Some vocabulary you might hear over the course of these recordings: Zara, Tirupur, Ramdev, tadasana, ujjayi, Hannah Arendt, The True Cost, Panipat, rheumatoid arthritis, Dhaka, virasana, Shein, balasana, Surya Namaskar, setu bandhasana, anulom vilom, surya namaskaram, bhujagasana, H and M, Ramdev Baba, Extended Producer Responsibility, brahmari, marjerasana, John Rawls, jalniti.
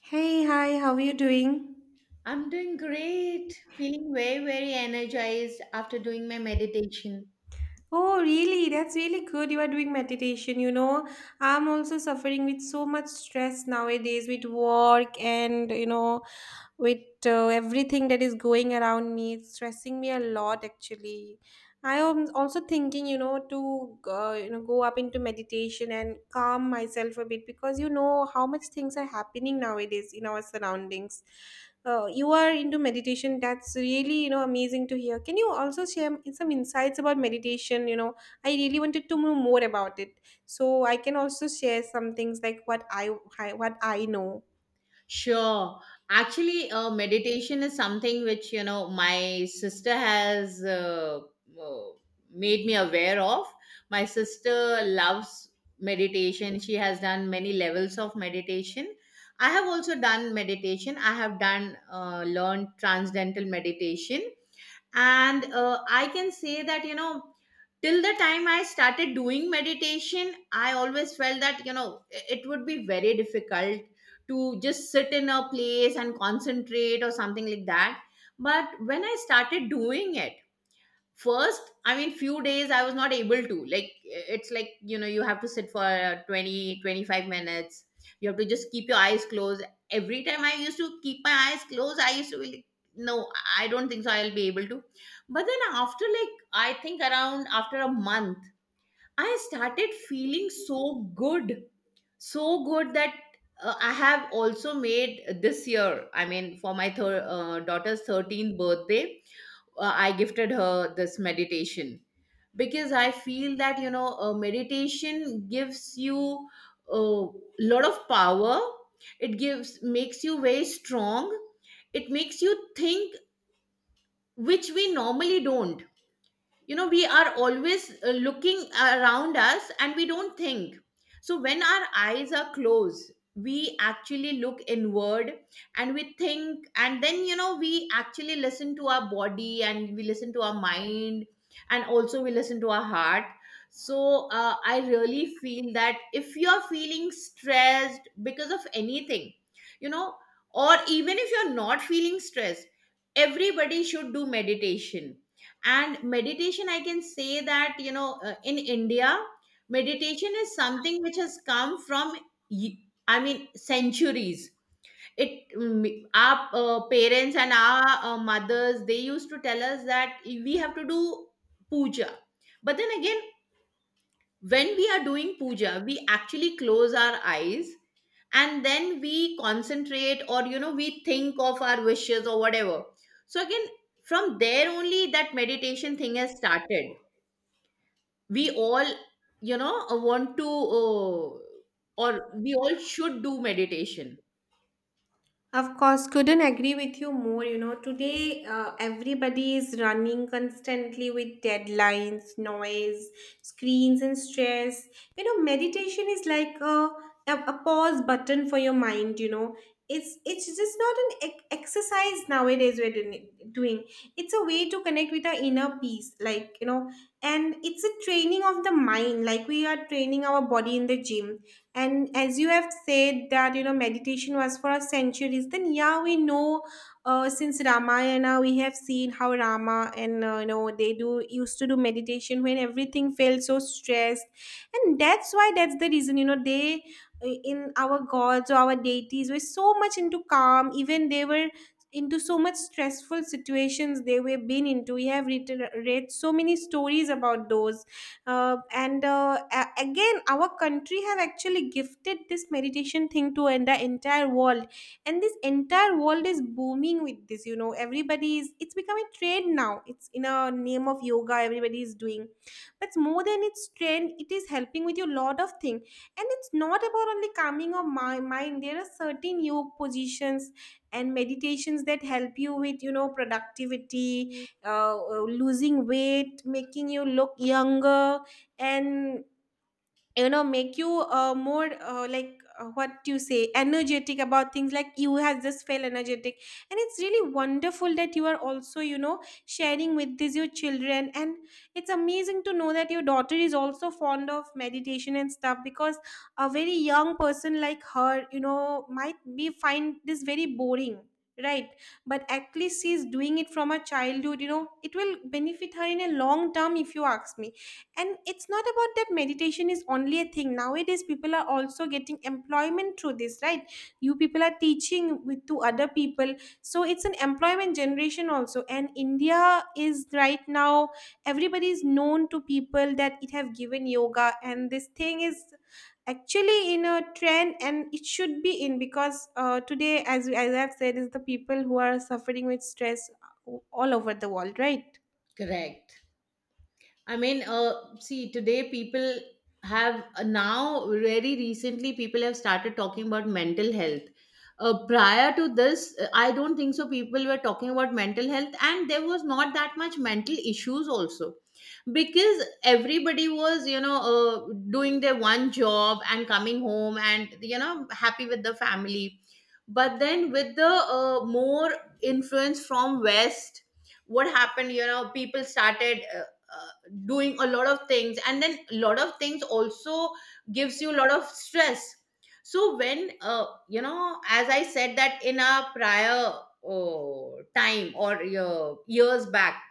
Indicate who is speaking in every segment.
Speaker 1: Hey, hi, how are you doing?
Speaker 2: I'm doing great, feeling very, very energized after doing my meditation.
Speaker 1: Oh, really? That's really good. You are doing meditation. I'm also suffering with so much stress nowadays with work and with everything that is going around me, it's stressing me a lot actually. I am also thinking to go up into meditation and calm myself a bit, because you know how much things are happening nowadays in our surroundings. You are into meditation. That's really amazing to hear. Can you also share some insights about meditation? I really wanted to know more about it. So I can also share some things like what I know.
Speaker 2: Sure. Actually, meditation is something which, you know, my sister has uh, made me aware of. My sister loves meditation. She has done many levels of meditation. I have also done meditation. I have done, learned transcendental meditation and I can say that, you know, till the time I started doing meditation, I always felt that, you know, it would be very difficult to just sit in a place and concentrate or something like that. But when I started doing it, first, I mean, few days I was not able to, like, it's like, you know, you have to sit for 20 25 minutes. You have to just keep your eyes closed. Every time I used to keep my eyes closed, I used to be like, no, I don't think so I'll be able to. But then after, like, I think around after a month, I started feeling so good, so good that I have also made this year, I mean, for my daughter's 13th birthday, I gifted her this meditation. Because I feel that, you know, meditation gives you a lot of power. It gives makes you very strong. It makes you think, which we normally don't. You know, we are always looking around us and we don't think. So when our eyes are closed, we actually look inward, and we think, and then, you know, we actually listen to our body, and we listen to our mind, and also we listen to our heart. So I really feel that if you're feeling stressed because of anything, you know, or even if you're not feeling stressed, everybody should do meditation. And meditation, I can say that, you know, in India, meditation is something which has come from y- I mean centuries. It our parents and our mothers, they used to tell us that we have to do puja. But then again, when we are doing puja, we actually close our eyes, and then we concentrate, or, you know, we think of our wishes or whatever. So again, from there only that meditation thing has started. We all, you know, want to uh, or we all should do meditation.
Speaker 1: Of course, couldn't agree with you more. You know, today everybody is running constantly with deadlines, noise, screens, and stress. You know, meditation is like a pause button for your mind. You know, it's just not an exercise nowadays we're doing. It's a way to connect with our inner peace, and it's a training of the mind. Like we are training our body in the gym, and as you have said that meditation was for centuries, then yeah, we know. Since ramayana, we have seen how rama and you know they do used to do meditation when everything felt so stressed. And that's why that's the reason you know they in our gods or our deities were so much into calm, even they were into so much stressful situations they were been into. We have read so many stories about those uh, again, our country have actually gifted this meditation thing to and the entire world. And this entire world is booming with this you know everybody is it's become a trend now, it's in a name of yoga, everybody is doing. But more than its trend, it is helping with your lot of thing, and it's not about only calming of my mind. There are certain yoga positions and meditations that help you with productivity uh, losing weight, making you look younger, and you know make you more like what you say energetic about things, like you has just felt energetic. And it's really wonderful that you are also sharing with this your children. And it's amazing to know that your daughter is also fond of meditation and stuff, because a very young person like her might be find this very boring, right? But at least she's doing it from a childhood. It will benefit her in a long term, if you ask me. And it's not about that meditation is only a thing nowadays. People are also getting employment through this, right? You people are teaching with to other people. So it's an employment generation also. And india is right now everybody is known to people that it have given yoga, and this thing is actually in a trend, and it should be in, because today, as I've said, is the people who are suffering with stress all over the world, right?
Speaker 2: Correct. I mean, see, today, people have now very recently people have started talking about mental health. Prior to this, I don't think so people were talking about mental health, and there was not that much mental issues also, because everybody was, you know, doing their one job and coming home and, you know, happy with the family. But then with the more influence from West, what happened, you know, people started doing a lot of things, and then a lot of things also gives you a lot of stress. So when, you know, as I said, that in our prior time or years back,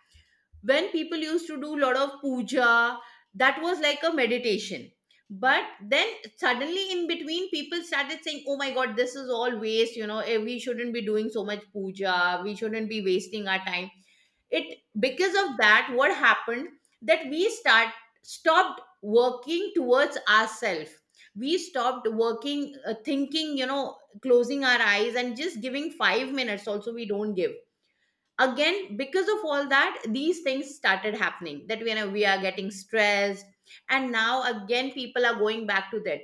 Speaker 2: when people used to do a lot of puja, that was like a meditation. But then suddenly in between, people started saying, oh my god, this is all waste, you know, we shouldn't be doing so much puja, we shouldn't be wasting our time. It, because of that, what happened, that we start stopped working towards ourselves. We stopped working, thinking, you know, closing our eyes, and just giving 5 minutes also we don't give. Again, because of all that, these things started happening, that we are getting stressed. And now again people are going back to that.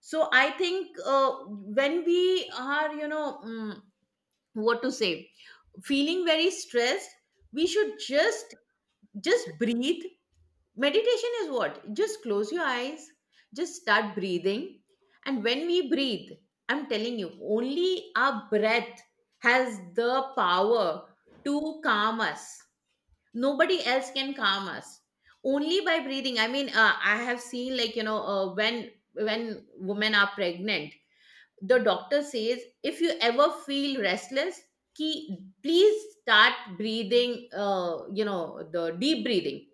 Speaker 2: So I think, when we are, you know, what to say, feeling very stressed, we should just breathe. Meditation is what? Just close your eyes, just start breathing. And when we breathe, I'm telling you, only our breath has the power to calm us. Nobody else can calm us, only by breathing. I mean, I have seen, like, you know, when women are pregnant, the doctor says, if you ever feel restless, key, please, start breathing, you know, the deep breathing.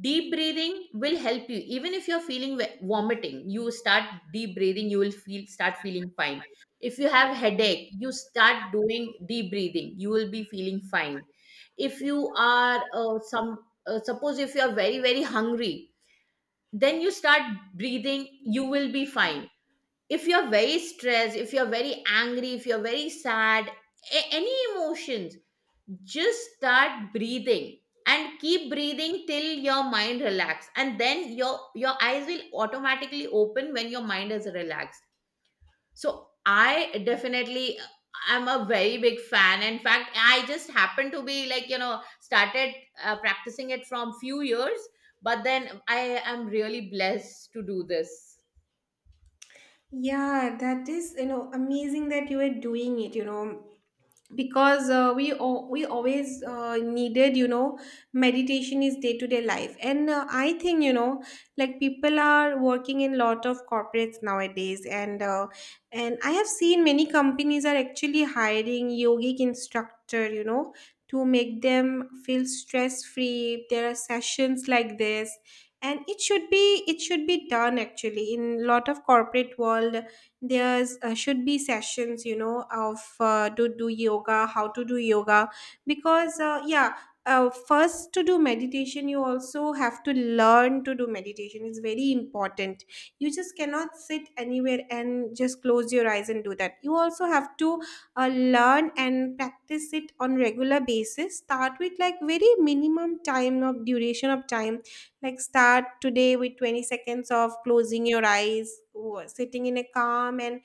Speaker 2: Deep breathing will help you. Even if you're feeling vomiting, you start deep breathing, you will feel start feeling fine. If you have headache, you start doing deep breathing, you will be feeling fine. If you are some suppose if you are very very hungry, then you start breathing, you will be fine. If you're very stressed, if you're very angry, if you're very sad, any emotions, just start breathing, and keep breathing till your mind relax, and then your eyes will automatically open when your mind is relaxed. So I definitely, I'm a very big fan, in fact I just happened to be, like, you know, started practicing it from few years. But then I am really blessed to do this.
Speaker 1: Yeah, that is amazing that you were doing it, because we always needed meditation is day to day life, and I think like people are working in lot of corporates nowadays, and I have seen many companies are actually hiring yogic instructor, to make them feel stress free. There are sessions like this, and it should be done actually in lot of corporate world. There's should be sessions of to do yoga, how to do yoga, because yeah, first to do meditation, you also have to learn to do meditation it's very important you just cannot sit anywhere and just close your eyes and do that you also have to learn and practice it on regular basis. Start with like very minimum time of duration of time, like start today with 20 seconds of closing your eyes, or sitting in a calm and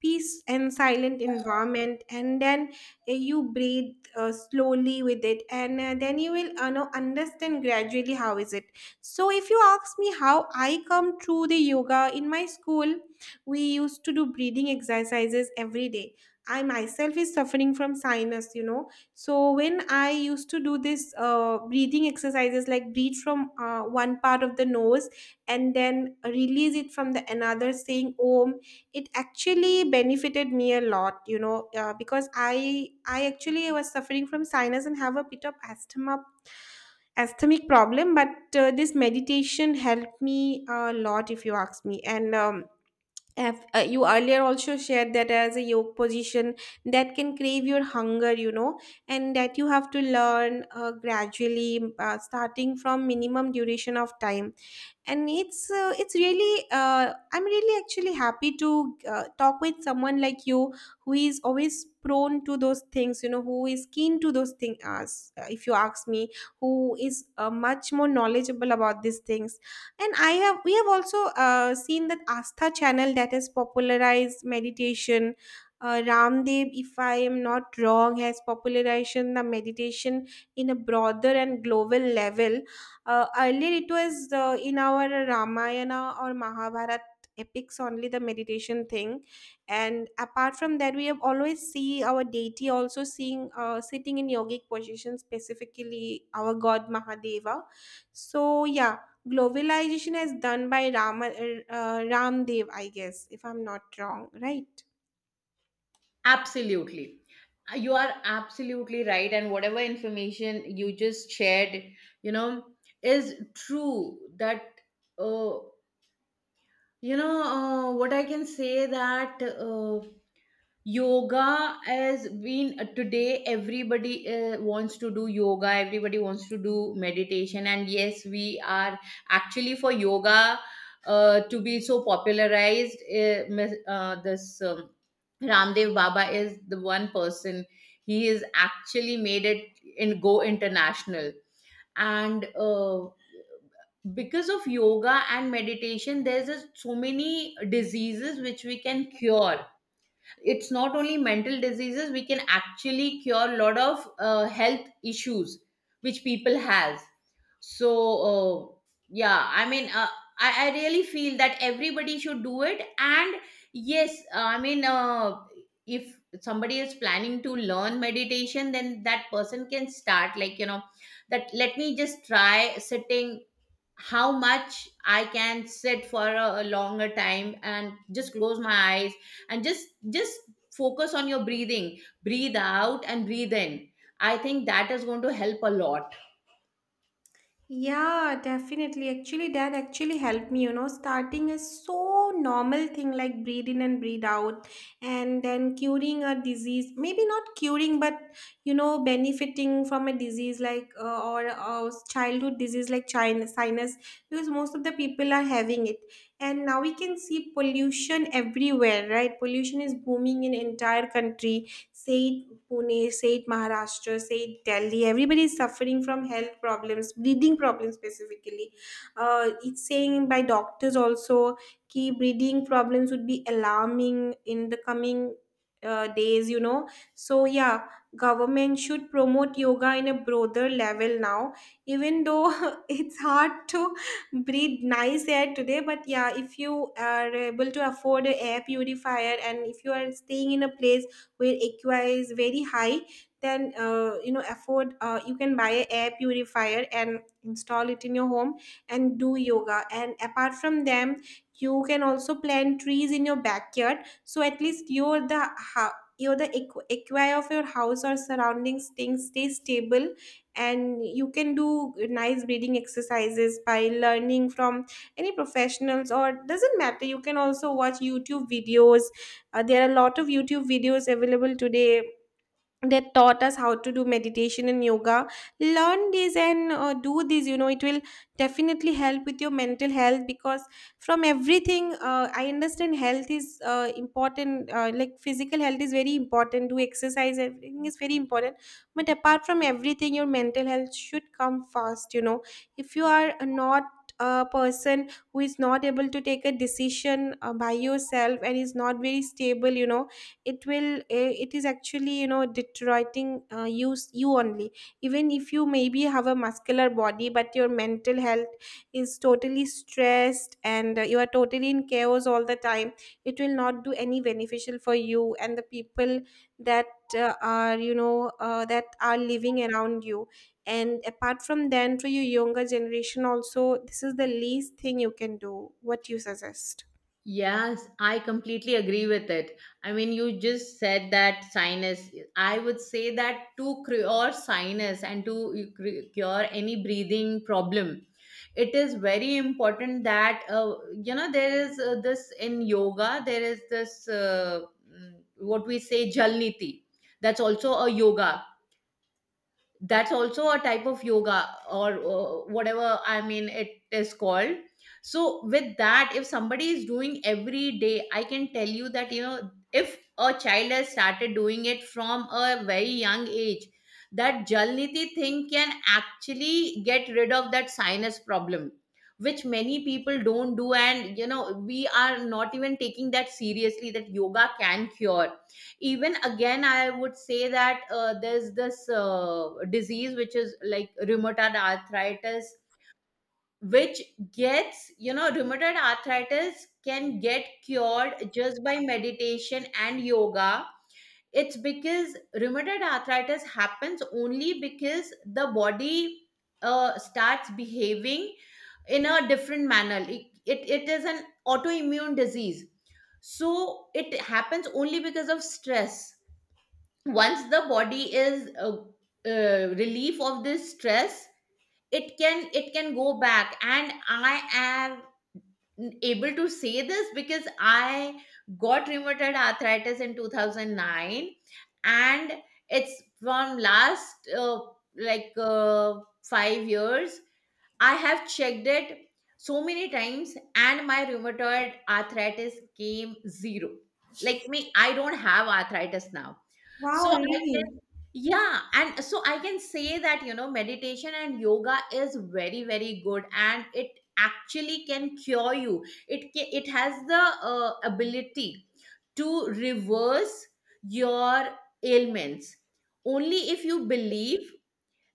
Speaker 1: peace and silent environment, and then you breathe slowly with it, and then you will know understand gradually how is it. So if you ask me how I come through the yoga in my school, we used to do breathing exercises every day. I myself is suffering from sinus, so when I used to do this breathing exercises, like breathe from one part of the nose, and then release it from the another, saying "Om," it actually benefited me a lot. You know, because I actually was suffering from sinus and have a bit of asthmatic problem. But this meditation helped me a lot, if you ask me, and have, you earlier also shared that as a yoke position that can crave your hunger, and that you have to learn gradually, starting from minimum duration of time. And it's really I'm really actually happy to talk with someone like you who is always prone to those things, who is keen to those things. As if you ask me, who is much more knowledgeable about these things. And I have we have also seen that astha channel that has popularized meditation. Ramdev, if I am not wrong, has popularized the meditation in a broader and global level. Earlier it was in our ramayana or mahabharat epics only, the meditation thing. And apart from that, we have always see our deity also seeing sitting in yogic position, specifically our god mahadeva. So yeah, globalization is done by Ramdev, I guess, if I'm not wrong, right?
Speaker 2: Absolutely. You are absolutely right. And whatever information you just shared, you know, is true that, uh, you know, what I can say that. Yoga has been, today everybody wants to do yoga, everybody wants to do meditation, and yes, we are actually for yoga to be so popularized, this Ramdev Baba is the one person. He is actually made it in go international. And because of yoga and meditation, there's so many diseases which we can cure. It's not only mental diseases, we can actually cure a lot of health issues which people has. So, uh, yeah, I mean, I really feel that everybody should do it. And yes, I mean, if somebody is planning to learn meditation, then that person can start, like, you know, that let me just try sitting, how much I can sit for a longer time, and just close my eyes, and just focus on your breathing, breathe out and breathe in. I think that is going to help a lot.
Speaker 1: Yeah, definitely. Actually, that actually helped me, starting a so normal thing like breathe in and breathe out, and then curing a disease, maybe not curing, but benefiting from a disease or a childhood disease like sinus, because most of the people are having it. And now we can see pollution everywhere, right? Pollution is booming in entire country. Say it Pune, say it Maharashtra, say it Delhi. Everybody is suffering from health problems, breathing problems specifically. It's saying by doctors also, key breathing problems would be alarming in the coming days. So yeah, government should promote yoga in a broader level now. Even though it's hard to breathe nice air today, but yeah, if you are able to afford a air purifier and if you are staying in a place where AQI is very high, then you know afford you can buy a air purifier and install it in your home and do yoga. And apart from them, you can also plant trees in your backyard. So at least your the ho- you the equ- AQI of your house or surroundings things stay stable, and you can do nice breathing exercises by learning from any professionals, or doesn't matter, you can also watch youtube videos. There are a lot of YouTube videos available today. They taught us how to do meditation and yoga. Learn this, and do this. It will definitely help with your mental health, because from everything I understand, health is important, like physical health is very important. Do exercise, everything is very important. But apart from everything, your mental health should come first. If you are not a person who is not able to take a decision by yourself and is not very stable, it is actually deteriorating you only, even if you maybe have a muscular body. But your mental health is totally stressed, and you are totally in chaos all the time. It will not do any beneficial for you and the people that are living around you. And apart from then, to your younger generation also, this is the least thing you can do, what you suggest.
Speaker 2: Yes, I completely agree with it. I mean, you just said that sinus. I would say that to cure sinus and to cure any breathing problem, it is very important that, you know, there is this, in yoga, there is this, what we say, jalniti. That's also a yoga, that's also a type of yoga, or whatever I mean it is called. So with that, if somebody is doing every day, I can tell you that, you know, if a child has started doing it from a very young age, that jalniti thing can actually get rid of that sinus problem, which many people don't do, and you know we are not even taking that seriously, that yoga can cure. Even again, I would say that there's this disease which is like rheumatoid arthritis, which gets, you know, rheumatoid arthritis can get cured just by meditation and yoga. It's because rheumatoid arthritis happens only because the body starts behaving in a different manner. It is an autoimmune disease. So it happens only because of stress. Once the body is relief of this stress, it can go back. And I am able to say this because I got rheumatoid arthritis in 2009. And it's from last, like, 5 years, I have checked it so many times, and my rheumatoid arthritis came zero. Like me, I don't have arthritis now.
Speaker 1: Wow,
Speaker 2: So
Speaker 1: really?
Speaker 2: yeah, and so I can say that, you know, meditation and yoga is very, very good, and it actually can cure you. It, it has the ability to reverse your ailments. Only if you believe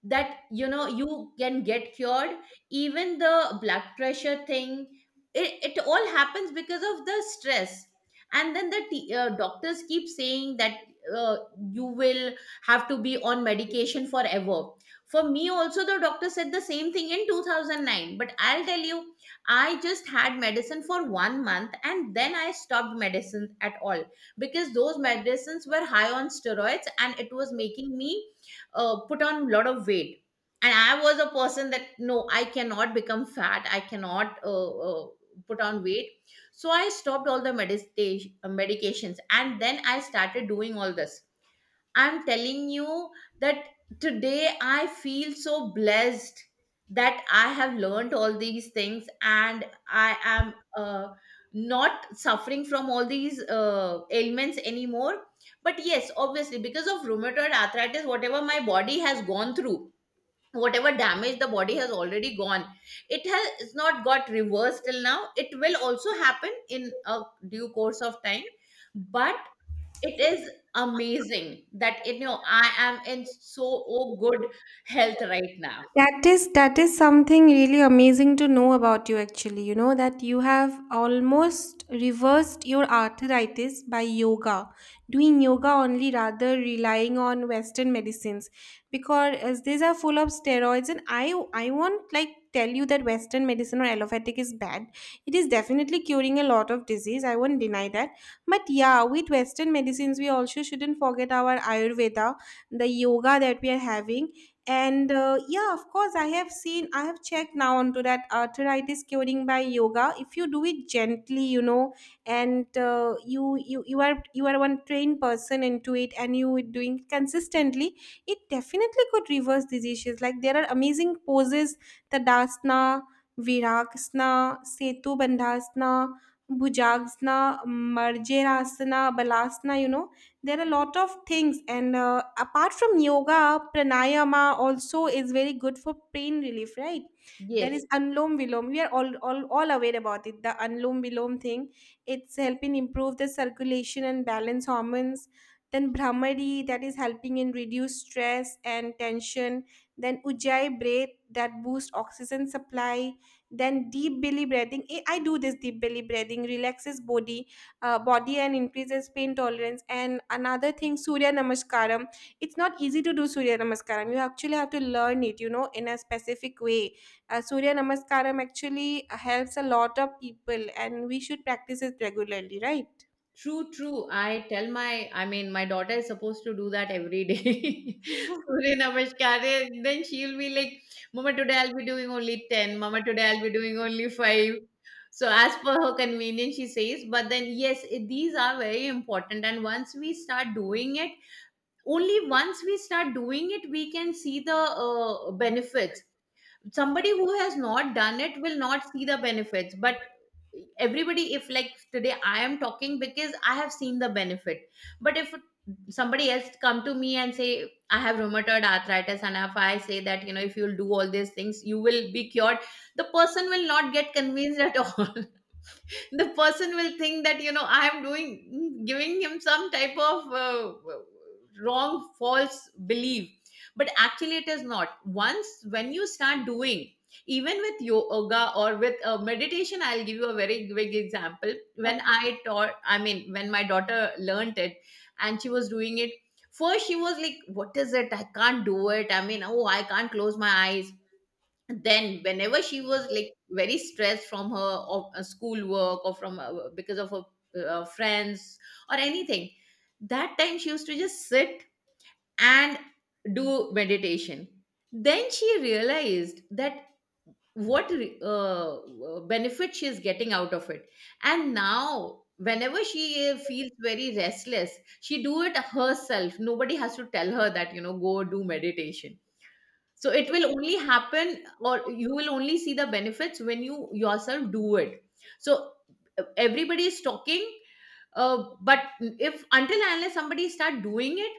Speaker 2: that, you know, you can get cured. Even the blood pressure thing, it all happens because of the stress. And then the doctors keep saying that uh, you will have to be on medication forever. For me also, the doctor said the same thing in 2009, but I'll tell you, I just had medicine for 1 month, and then I stopped medicine at all, because those medicines were high on steroids, and it was making me put on a lot of weight. And I was a person that, no, I cannot become fat, I cannot put on weight. So I stopped all the meditation medications, and then I started doing all this. I'm telling you that today I feel so blessed that I have learned all these things, and I am not suffering from all these ailments anymore. But yes, obviously, because of rheumatoid arthritis, whatever my body has gone through, whatever damage the body has already gone, it has it's not got reversed till now. It will also happen in a due course of time. But it is amazing that, you know, I am in so oh, good health right now.
Speaker 1: That is something really amazing to know about you actually. You know that you have almost reversed your arthritis by yoga, doing yoga only rather relying on western medicines, because as these are full of steroids. And I won't like tell you that western medicine or allopathic is bad. It is definitely curing a lot of disease. I won't deny that. But yeah, with western medicines we also shouldn't forget our ayurveda, the yoga that we are having, and yeah, of course, I have checked now onto that arthritis curing by yoga. If you do it gently, you know, and you are one trained person into it and you are doing it consistently, it definitely could reverse these issues. Like, there are amazing poses: tadasana, virasana, setu bandhasana, bhujagasana, marjerasana, balasana, you know, there are a lot of things. And apart from yoga, pranayama also is very good for pain relief, right? There
Speaker 2: Yes,
Speaker 1: is anulom vilom. We are all aware about it, the anulom vilom thing. It's helping improve the circulation and balance hormones. Then brahmari, that is helping in reduce stress and tension. Then ujjayi breath, that boosts oxygen supply. Then deep belly breathing. I do this deep belly breathing relaxes body and increases pain tolerance. And another thing, surya namaskaram. It's not easy to do surya namaskaram. You actually have to learn it, you know, in a specific way. Surya namaskaram actually helps a lot of people, and we should practice it regularly, right?
Speaker 2: true, true. I tell my, I mean, my daughter is supposed to do that every day. Surya Namaskar. And then she'll be like, Mama, today I'll be doing only 10. Mama, today I'll be doing only 5. So, as per her convenience, she says. But then, yes, these are very important. And once we start doing it, only once we start doing it, we can see the benefits. Somebody who has not done it will not see the benefits, but everybody, if like today I am talking because I have seen the benefit. But if somebody else come to me and say I have rheumatoid arthritis and if I say that, you know, if you'll do all these things you will be cured, the person will not get convinced at all. The person will think that, you know, I am doing giving him some type of wrong, false belief. But actually it is not. Once when you start doing, even with yoga or with meditation, I'll give you a very big example. When I taught, I mean, when my daughter learned it and she was doing it, first she was like, what is it, I can't do it, I mean, oh, I can't close my eyes. Then whenever she was like very stressed from her of school work or from because of her friends or anything, that time she used to just sit and do meditation. Then she realized that what benefit she is getting out of it. And now whenever she feels very restless, she do it herself. Nobody has to tell her that, you know, go do meditation. So it will only happen, or you will only see the benefits when you yourself do it. So, everybody is talking, but if until and unless somebody start doing it,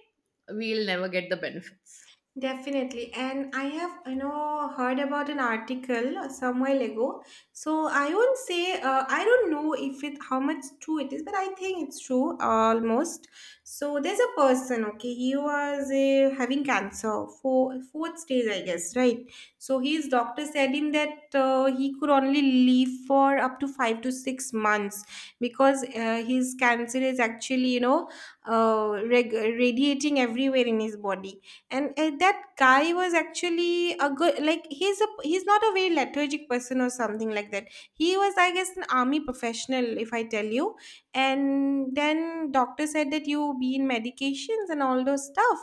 Speaker 2: we'll never get the benefits.
Speaker 1: Definitely. And I have, you know, heard about an article somewhere ago. So I won't say, I don't know if it, how much true it is, but I think it's true almost. So there's a person, okay, he was having cancer for fourth stage, I guess, right? So his doctor said him that he could only live for up to 5 to 6 months, because his cancer is actually, you know, radiating everywhere in his body, and that guy was actually a good, like, he's not a very lethargic person or something like that. He was, I guess, an army professional, if I tell you. And then doctor said that you be in medications and all those stuff.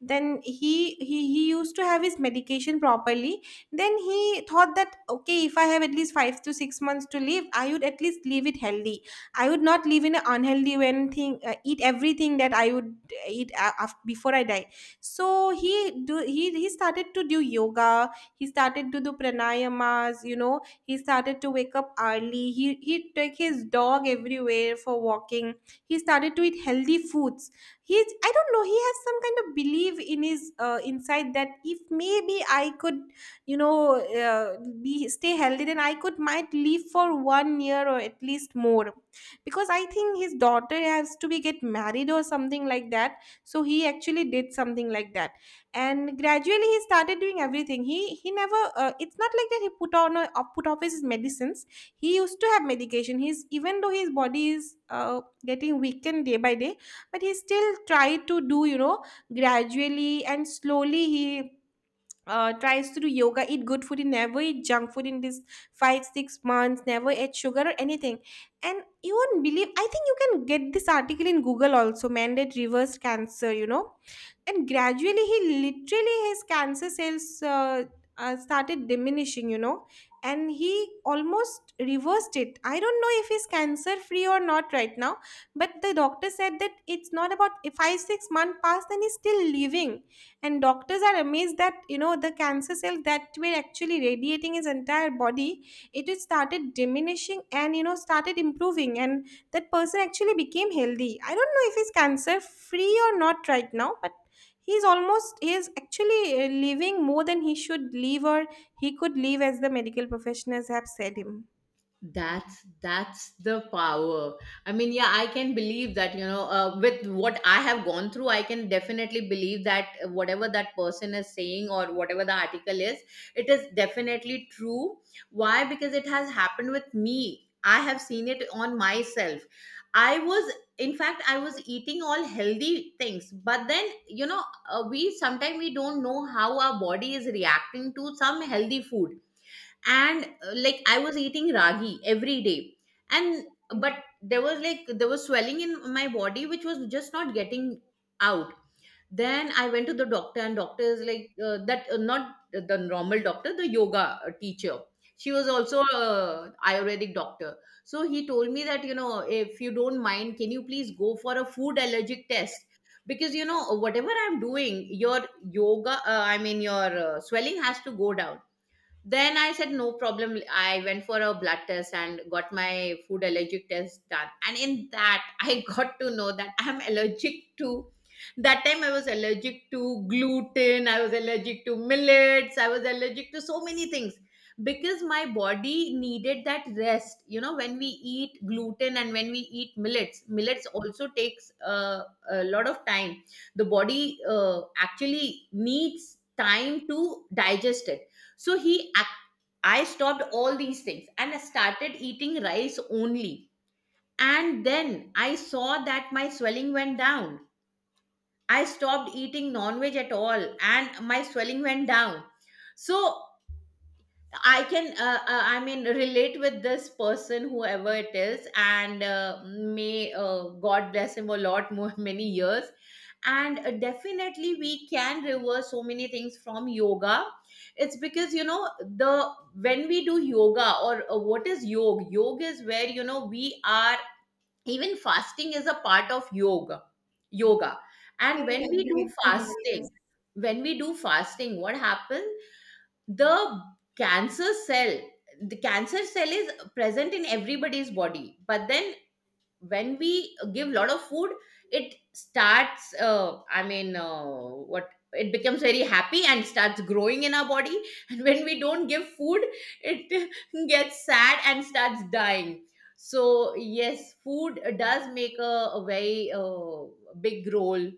Speaker 1: Then he used to have his medication properly. Then he thought that, okay, if I have at least 5 to 6 months to live, I would at least live it healthy. I would not live in an unhealthy when thing, eat everything that I would eat before I die. So he started to do yoga. He started to do pranayamas, you know. He started to wake up early. He take his dog everywhere for walking. He started to eat healthy foods. He's, I don't know, he has some kind of belief in his inside that if maybe I could, you know, be stay healthy, then I could might live for one year or at least more. Because I think his daughter has to be get married or something like that. So he actually did something like that. And gradually, he started doing everything. He never it's not like that he put on a, put off his medicines. He used to have medication. He's, even though his body is getting weakened day by day, but he still tried to do, you know, gradually and slowly. He tries to do yoga, eat good food. He never eat junk food in this 5, 6 months, never ate sugar or anything. And you won't believe, I think you can get this article in Google also, mandate reversed cancer, you know. And gradually, he literally, his cancer cells started diminishing, you know. And he almost reversed it. I don't know if he's cancer free or not right now, but the doctor said that, it's not about, if 5, 6 months passed and he's still living, and doctors are amazed that, you know, the cancer cell that were actually radiating his entire body, it had started diminishing and, you know, started improving. And that person actually became healthy. I don't know if he's cancer free or not right now, but he's almost, he is actually living more than he should live, or he could live, as the medical professionals have said him.
Speaker 2: That's the power. I mean, yeah, I can believe that, you know, with what I have gone through, I can definitely believe that whatever that person is saying or whatever the article is, it is definitely true. Why? Because it has happened with me, I have seen it on myself. I was, in fact, I was eating all healthy things, but then, you know, we sometimes, we don't know how our body is reacting to some healthy food. And like I was eating ragi every day. And but there was like there was swelling in my body which was just not getting out. Then I went to the doctor and doctor is like, that not the normal doctor, the yoga teacher. She was also a ayurvedic doctor. So he told me that, you know, if you don't mind, can you please go for a food allergic test? Because, you know, whatever I'm doing, your yoga, I mean, your swelling has to go down. Then I said, no problem. I went for a blood test and got my food allergic test done. And in that, I got to know that I'm allergic to. That time I was allergic to gluten, I was allergic to millets, I was allergic to so many things because my body needed that rest. You know, when we eat gluten and when we eat millets, millets also takes a lot of time. The body actually needs time to digest it. So he I stopped all these things and I started eating rice only. And then I saw that my swelling went down. I stopped eating non veg at all and my swelling went down. So I can, I mean, relate with this person, whoever it is, and may God bless him a lot more, many years. And definitely, we can reverse so many things from yoga. It's because, you know, the when we do yoga, or what is yoga? Yoga is where, you know, we are, even fasting is a part of yoga. Yoga, and
Speaker 1: Couldn't
Speaker 2: when we
Speaker 1: agree
Speaker 2: do
Speaker 1: with you more.
Speaker 2: fasting, when we do fasting, what happens? The cancer cell, the cancer cell is present in everybody's body, but then when we give a lot of food, it starts, I mean what it becomes very happy and starts growing in our body. And when we don't give food, it gets sad and starts dying. So yes, food does make a very big role.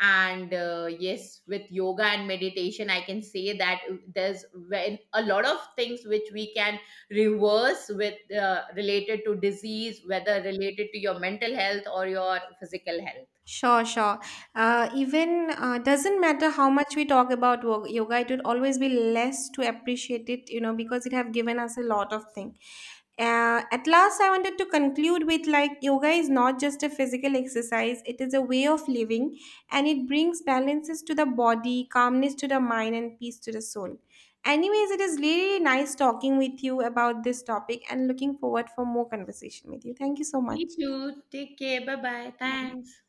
Speaker 2: And yes, with yoga and meditation I can say that there's when a lot of things which we can reverse with, related to disease, whether related to your mental health or your physical health.
Speaker 1: Sure, sure. Even doesn't matter how much we talk about yoga, it would always be less to appreciate it, you know, because it have given us a lot of thing. At last, I wanted to conclude with, like, yoga is not just a physical exercise; it is a way of living, and it brings balances to the body, calmness to the mind, and peace to the soul. Anyways, it is really nice talking with you about this topic, and looking forward for more conversation with you. Thank you so
Speaker 2: Me
Speaker 1: much.
Speaker 2: too. Take care. Bye bye.
Speaker 1: Bye.
Speaker 2: Thanks.